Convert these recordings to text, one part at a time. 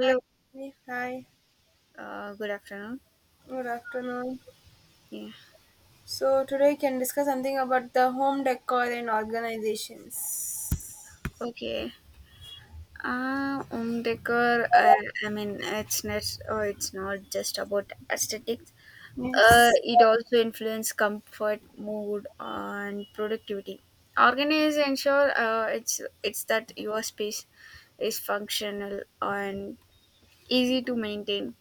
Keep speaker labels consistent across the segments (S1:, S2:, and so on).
S1: Hi, Tiffany. Hi,
S2: good afternoon.
S1: good afternoon.
S2: Yeah,
S1: So today we can discuss something about the home decor and organizations.
S2: okay. Home decor, I mean, it's not, it's not just about aesthetics.
S1: Yes.
S2: It also influences comfort, mood, and productivity. Organize ensure it's that your space is functional and easy to maintain.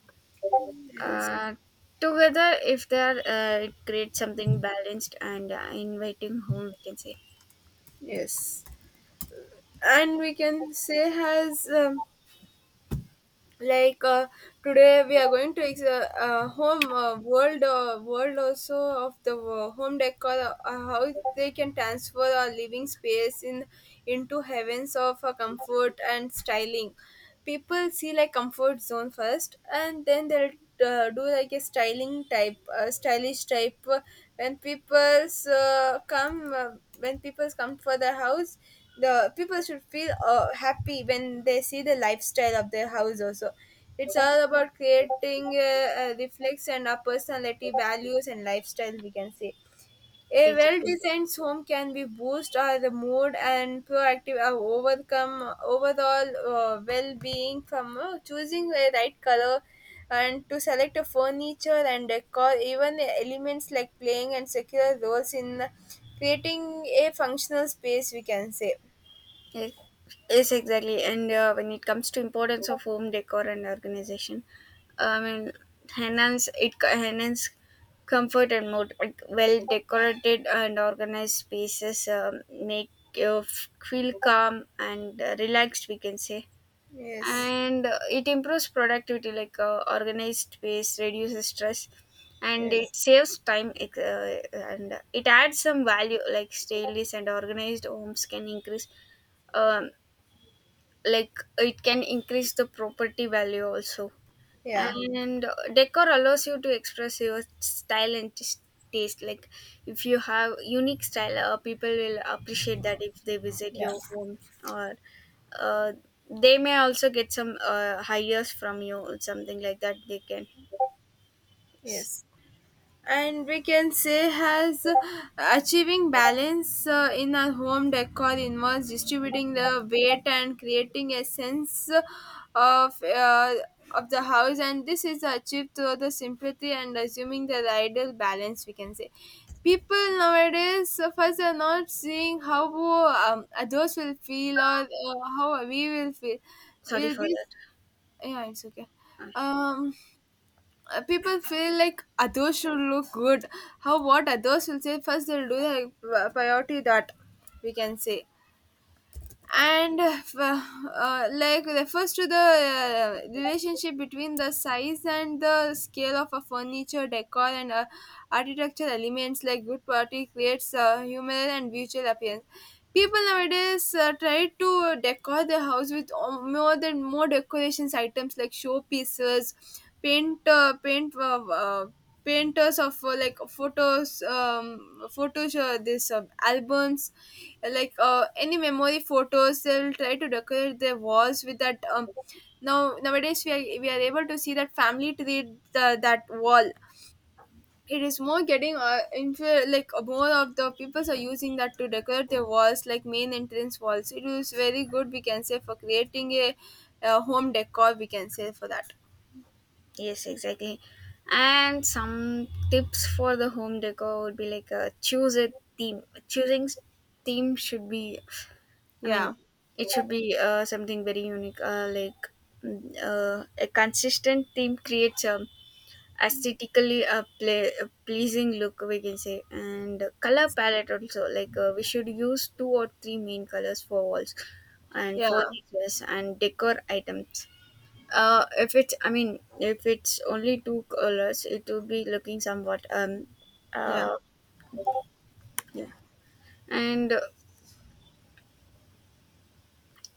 S1: Yes,
S2: Uh, Together, if they are, it creates something balanced and inviting home, we can say.
S1: yes, and we can say has like uh, today we are going to home world also of the home decor, how they can transfer our living space in into heavens of comfort and styling. People see like comfort zone first, and then they'll do like a styling type, stylish type. When people's come when people's come for the house, the people should feel happy when they see the lifestyle of their house also. It's
S2: Yes.
S1: all about creating reflects and our personality values and lifestyle, we can say. A
S2: Exactly.
S1: well-designed home can be boost our the mood and proactive, overcome overall well-being, from choosing the right color and to select a furniture and decor, even the elements like playing and secure roles in creating a functional space, we can say.
S2: Yes, yes, exactly. And when it comes to importance of home decor and organization, I mean, enhance enhance comfort and mood. Like well decorated and organized spaces make you feel calm and relaxed. We can say,
S1: Yes,
S2: and it improves productivity. Like organized space reduces stress. And
S1: yes,
S2: it saves time and it adds some value, like stainless and organized homes can increase um, like it can increase the property value also,
S1: yeah,
S2: and decor allows you to express your style and taste. Like if you have unique style, people will appreciate that if they visit
S1: yeah,
S2: your home, or uh, they may also get some hires from you or something like that they can.
S1: yes. And we can say has achieving balance in our home decor involves distributing the weight and creating a sense of uh, of the house, and this is achieved through the simplicity and assuming the ideal balance, we can say. People nowadays first are not seeing how others will feel, or how we will feel.
S2: Sorry
S1: We'll
S2: for
S1: be,
S2: that.
S1: yeah, it's okay.
S2: Uh,
S1: um People feel like others should look good, how what others will say first they'll do, the priority that, we can say. And like refers to the relationship between the size and the scale of a furniture decor and architecture elements, like good quality creates a humor and visual appearance. People nowadays try to decor their house with more than more decorations items like show pieces, paint uh, paint uh, uh, painters of like photos, photos, this albums, like any memory photos. They'll try to decorate their walls with that. Now nowadays we are able to see that family tree, that wall. It is more getting more of the people are using that to decorate their walls like main entrance walls. It is very good, we can say, for creating a home decor, we can say, for that.
S2: yes, exactly. And some tips for the home decor would be like, choose a theme. choosing s- Theme should be, I mean,
S1: Yeah,
S2: it should be something very unique, a consistent theme creates a aesthetically a, play, a pleasing look, we can say, and color palette also. Like we should use two or three main colors for walls and
S1: yeah,
S2: furnitures and decor items. If it's, I mean, if it's only two colors, it will be looking somewhat
S1: yeah,
S2: uh, yeah. And uh,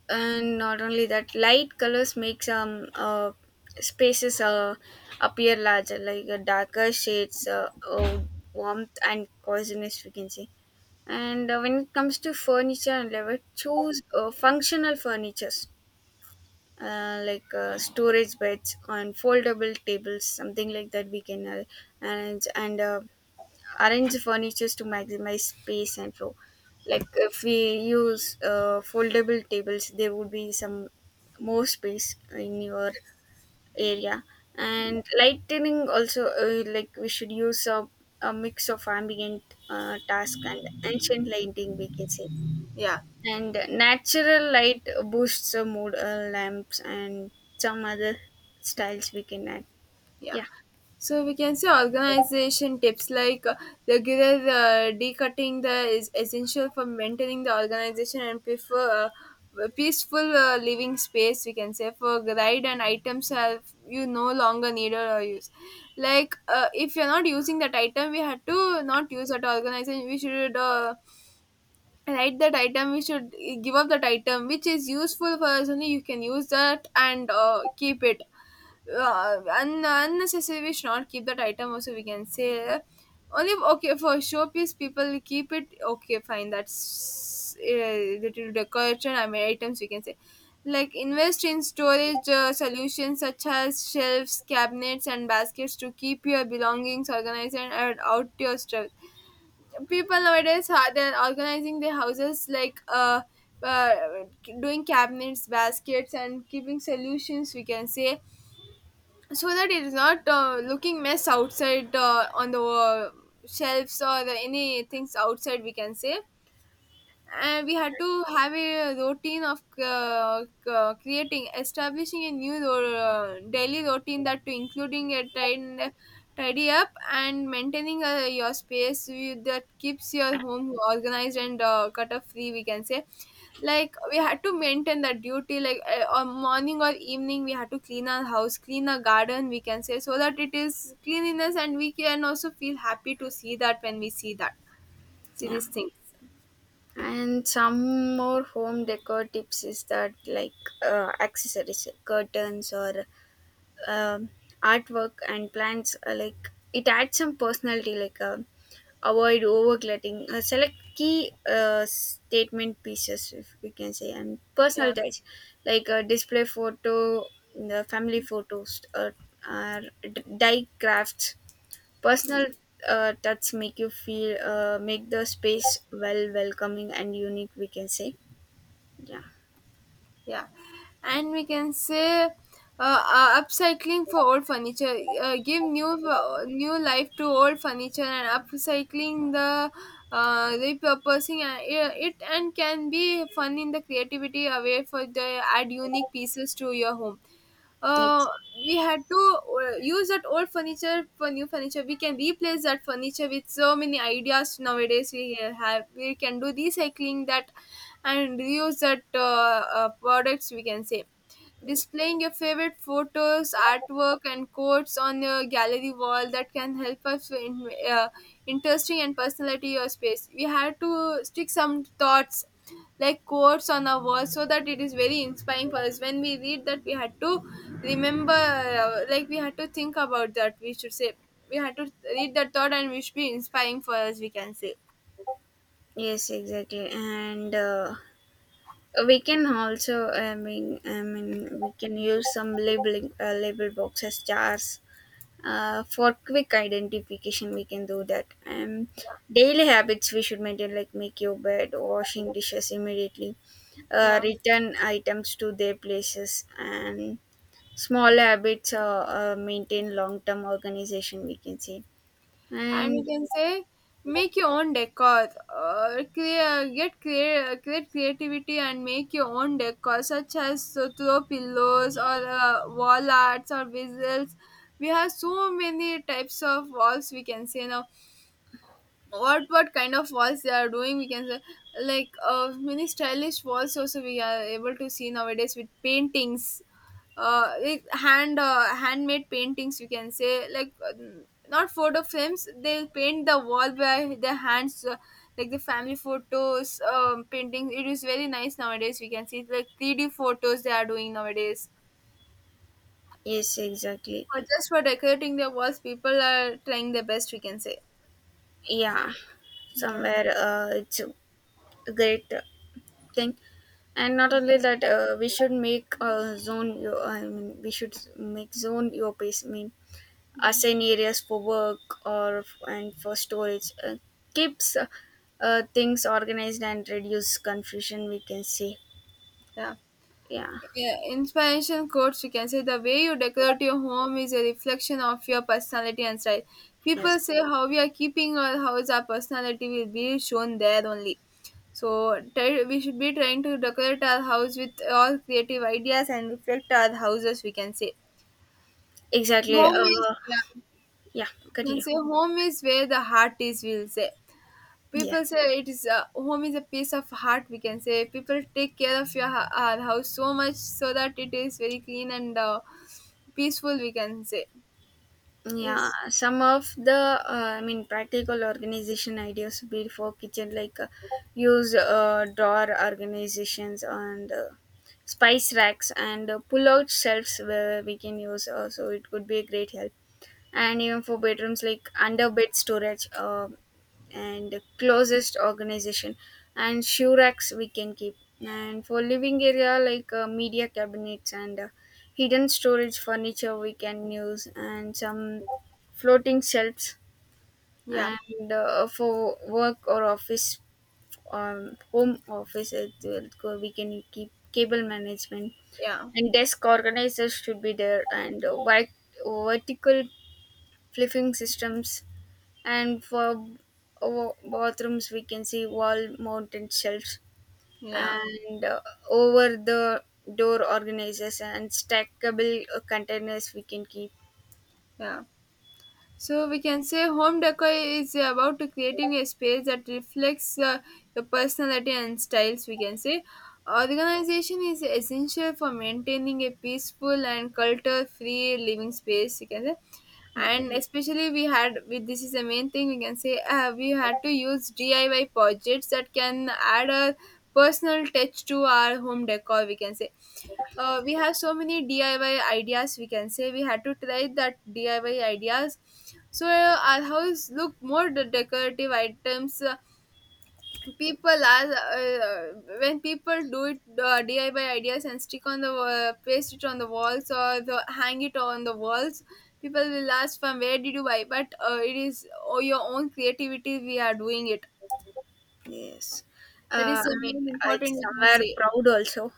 S2: and not only that, light colors make some spaces appear larger, like darker shades warmth and coziness, we can say. And when it comes to furniture and level, choose functional furnitures, storage beds and foldable tables, something like that we can manage and arrange the furnitures to maximize space and flow. Like if we use foldable tables, there would be some more space in your area. And lighting also, like we should use a mix of ambient task and ancient lighting, we can say.
S1: yeah,
S2: And natural light boosts the mood, lamps, and some other styles we can add.
S1: yeah.
S2: Yeah,
S1: So we can say organization tips like regular decutting the is essential for maintaining the organization and prefer peaceful living space, we can say, for guide and items have you no longer need or use. Like if you're not using that item, we had to not use that organization. We should. Write that item, we should give up that item which is useful for us only, you can use that, and keep it. Unnecessary, we should not keep that item also, we can say. Only okay for showpiece people keep it, okay fine, that's little decoration, I mean, items, we can say. Like invest in storage solutions such as shelves, cabinets and baskets to keep your belongings organized and add out your stress. People nowadays are they're organizing their houses like uh doing cabinets, baskets and keeping solutions, we can say, so that it is not looking mess outside, on the shelves or the, any things outside, we can say. And we had to have a routine of creating, establishing a new daily routine that to including a tidy up and maintaining your space, that keeps your home organized and clutter free, we can say. Like we had to maintain that duty like on morning or evening. We had to clean our house, clean our garden, we can say, so that it is cleanliness, and we can also feel happy to see that, when we see that, see
S2: yeah.
S1: these things.
S2: And some more home decor tips is that, like accessories, curtains or um, artwork and plants. Like it adds some personality. Like avoid overcluttering. Select key statement pieces, if we can say, and personal
S1: Yeah,
S2: touch, like display photo, the family photos, or uh, die crafts. Personal touch make you feel make the space well welcoming and unique. We can say. Yeah.
S1: yeah, and we can say upcycling for old furniture, give new life to old furniture, and upcycling the, repurposing it and can be fun in the creativity away for the add unique pieces to your home. uh,
S2: It's,
S1: we had to use that old furniture for new furniture. We can replace that furniture with so many ideas nowadays. We have, we can do recycling that and reuse that products, we can say. Displaying your favorite photos, artwork, and quotes on your gallery wall that can help us in interesting and personality your space. We had to stick some thoughts like quotes on our wall, so that it is very inspiring for us. When we read that, we had to remember, like we had to think about that, we should say, we had to read that thought, and we should be inspiring for us, we can say.
S2: yes, exactly. And we can also, we can use some labeling, label boxes, jars, for quick identification. We can do that. And daily habits we should maintain, like make your bed, washing dishes immediately,
S1: Yeah.
S2: return items to their places, and small habits maintain long term organization, we can say.
S1: And we
S2: And
S1: can say make your own decor, or create, get create create creativity, and make your own decor such as so throw pillows or wall arts or visuals. We have so many types of walls, we can say now. What kind of walls they are doing, we can say. Like many stylish walls also we are able to see nowadays with paintings, with handmade paintings, we can say. Like not photo frames, they paint the wall by their hands, like the family photos, painting. It is very nice nowadays. We can see like 3D photos they are doing nowadays,
S2: yes, exactly.
S1: for just for decorating their walls. People are trying their best, we can say.
S2: Yeah,
S1: Yeah,
S2: somewhere it's a great thing. And not only that, we should make, zone your, I mean, we should make zone your pace, I mean, assign areas for work or and for storage, keeps things organized and reduce confusion, we can say.
S1: yeah.
S2: Yeah.
S1: Yeah, inspiration quotes, we can say, the way you decorate your home is a reflection of your personality and style. People
S2: Yes,
S1: say how we are keeping our house, our personality will be shown there only. So try, we should be trying to decorate our house with all creative ideas and reflect our houses, we can say.
S2: exactly.
S1: Home is, yeah,
S2: Yeah,
S1: we can
S2: continue.
S1: say home is where the heart is, we'll say.
S2: Yeah.
S1: People say it is a, home is a piece of heart, we can say. People take care of your our house so much, so that it is very clean and peaceful, we can say.
S2: Yeah,
S1: Is,
S2: some of the I mean practical organization ideas would be for kitchen, like use drawer organizations and spice racks and pull out shelves where we can use, so it could be a great help. And even for bedrooms, like under bed storage, and closest organization and shoe racks we can keep. And for living area, like media cabinets and hidden storage furniture we can use, and some floating shelves.
S1: yeah,
S2: And for work or office, home office it will go, we can keep cable management
S1: yeah,
S2: and desk organizers should be there. And vertical flipping systems. And for bathrooms we can see wall mounted shelves
S1: yeah,
S2: and over the door organizers and stackable containers we can keep.
S1: yeah. So we can say home decor is about to creating a space that reflects your personality and styles, we can say. Organization is essential for maintaining a peaceful and culture free living space, you can say.
S2: Okay.
S1: And especially we had with this is the main thing, we can say. We had to use DIY projects that can add a personal touch to our home decor, we can say. We have so many DIY ideas. We can say we had to try that DIY ideas, so our house look more the decorative items. People are when people do it DIY ideas and stick on the, paste it on the walls or the, hang it on the walls. People will ask from where did you buy, but it is, oh, your own creativity we are doing it.
S2: Yes.
S1: That
S2: uh,
S1: is a
S2: i mean
S1: very
S2: it's
S1: important, you can
S2: somewhere
S1: say.
S2: proud also.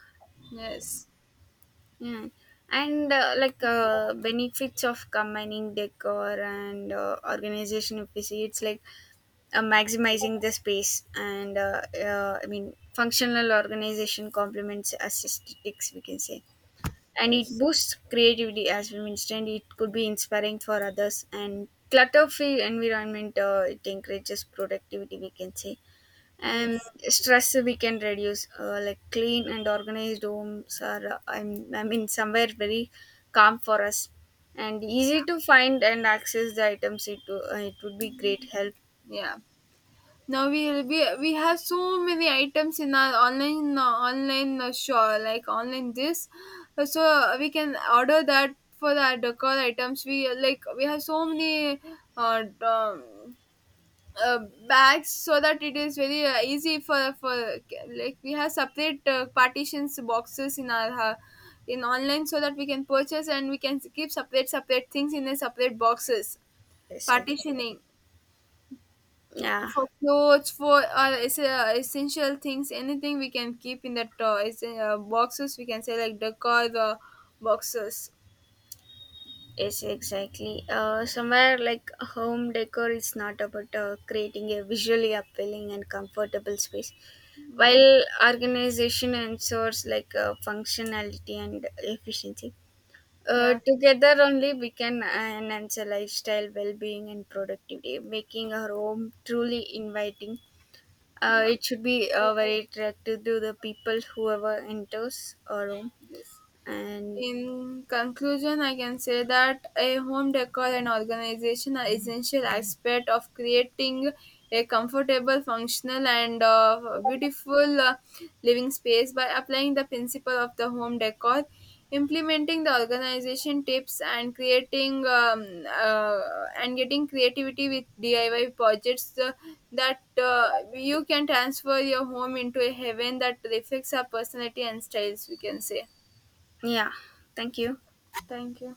S1: Yes,
S2: Yeah, and benefits of combining decor and organization. If we see, it's like maximizing the space, and functional organization complements aesthetics. We can say, and it
S1: yes,
S2: boosts creativity. As we mentioned, it could be inspiring for others, and clutter-free environment. It encourages productivity. We can say, and
S1: yes,
S2: stress we can reduce, like clean and organized homes are I'm, I mean somewhere very calm for us, and easy to find and access the items. It would be great help.
S1: yeah. Now we have so many items in our online shop like online this. So we can order that for the decor items. We like we have so many uh, um, uh, bags, so that it is very easy for, like we have separate partitions boxes in our. In online, so that we can purchase, and we can keep separate things in a separate boxes,
S2: Yes, exactly.
S1: partitioning,
S2: Yeah.
S1: for clothes, for essential things, anything we can keep in that, boxes, we can say, like decor the boxes.
S2: Yes, exactly. Somewhere, like, home decor is not about creating a visually appealing and comfortable space,
S1: Yeah,
S2: while organization ensures, like, functionality and efficiency.
S1: yeah,
S2: Together only we can enhance a lifestyle, well-being, and productivity, making our home truly inviting.
S1: yeah,
S2: It should be very attractive to the people whoever enters our home.
S1: yes.
S2: And
S1: In conclusion, I can say that a home decor and organization are essential aspect of creating a comfortable, functional, and beautiful living space, by applying the principle of the home decor, implementing the organization tips, and creating and getting creativity with DIY projects. That You can transfer your home into a heaven that reflects our personality and styles, we can say.
S2: yeah, thank you.
S1: Thank you.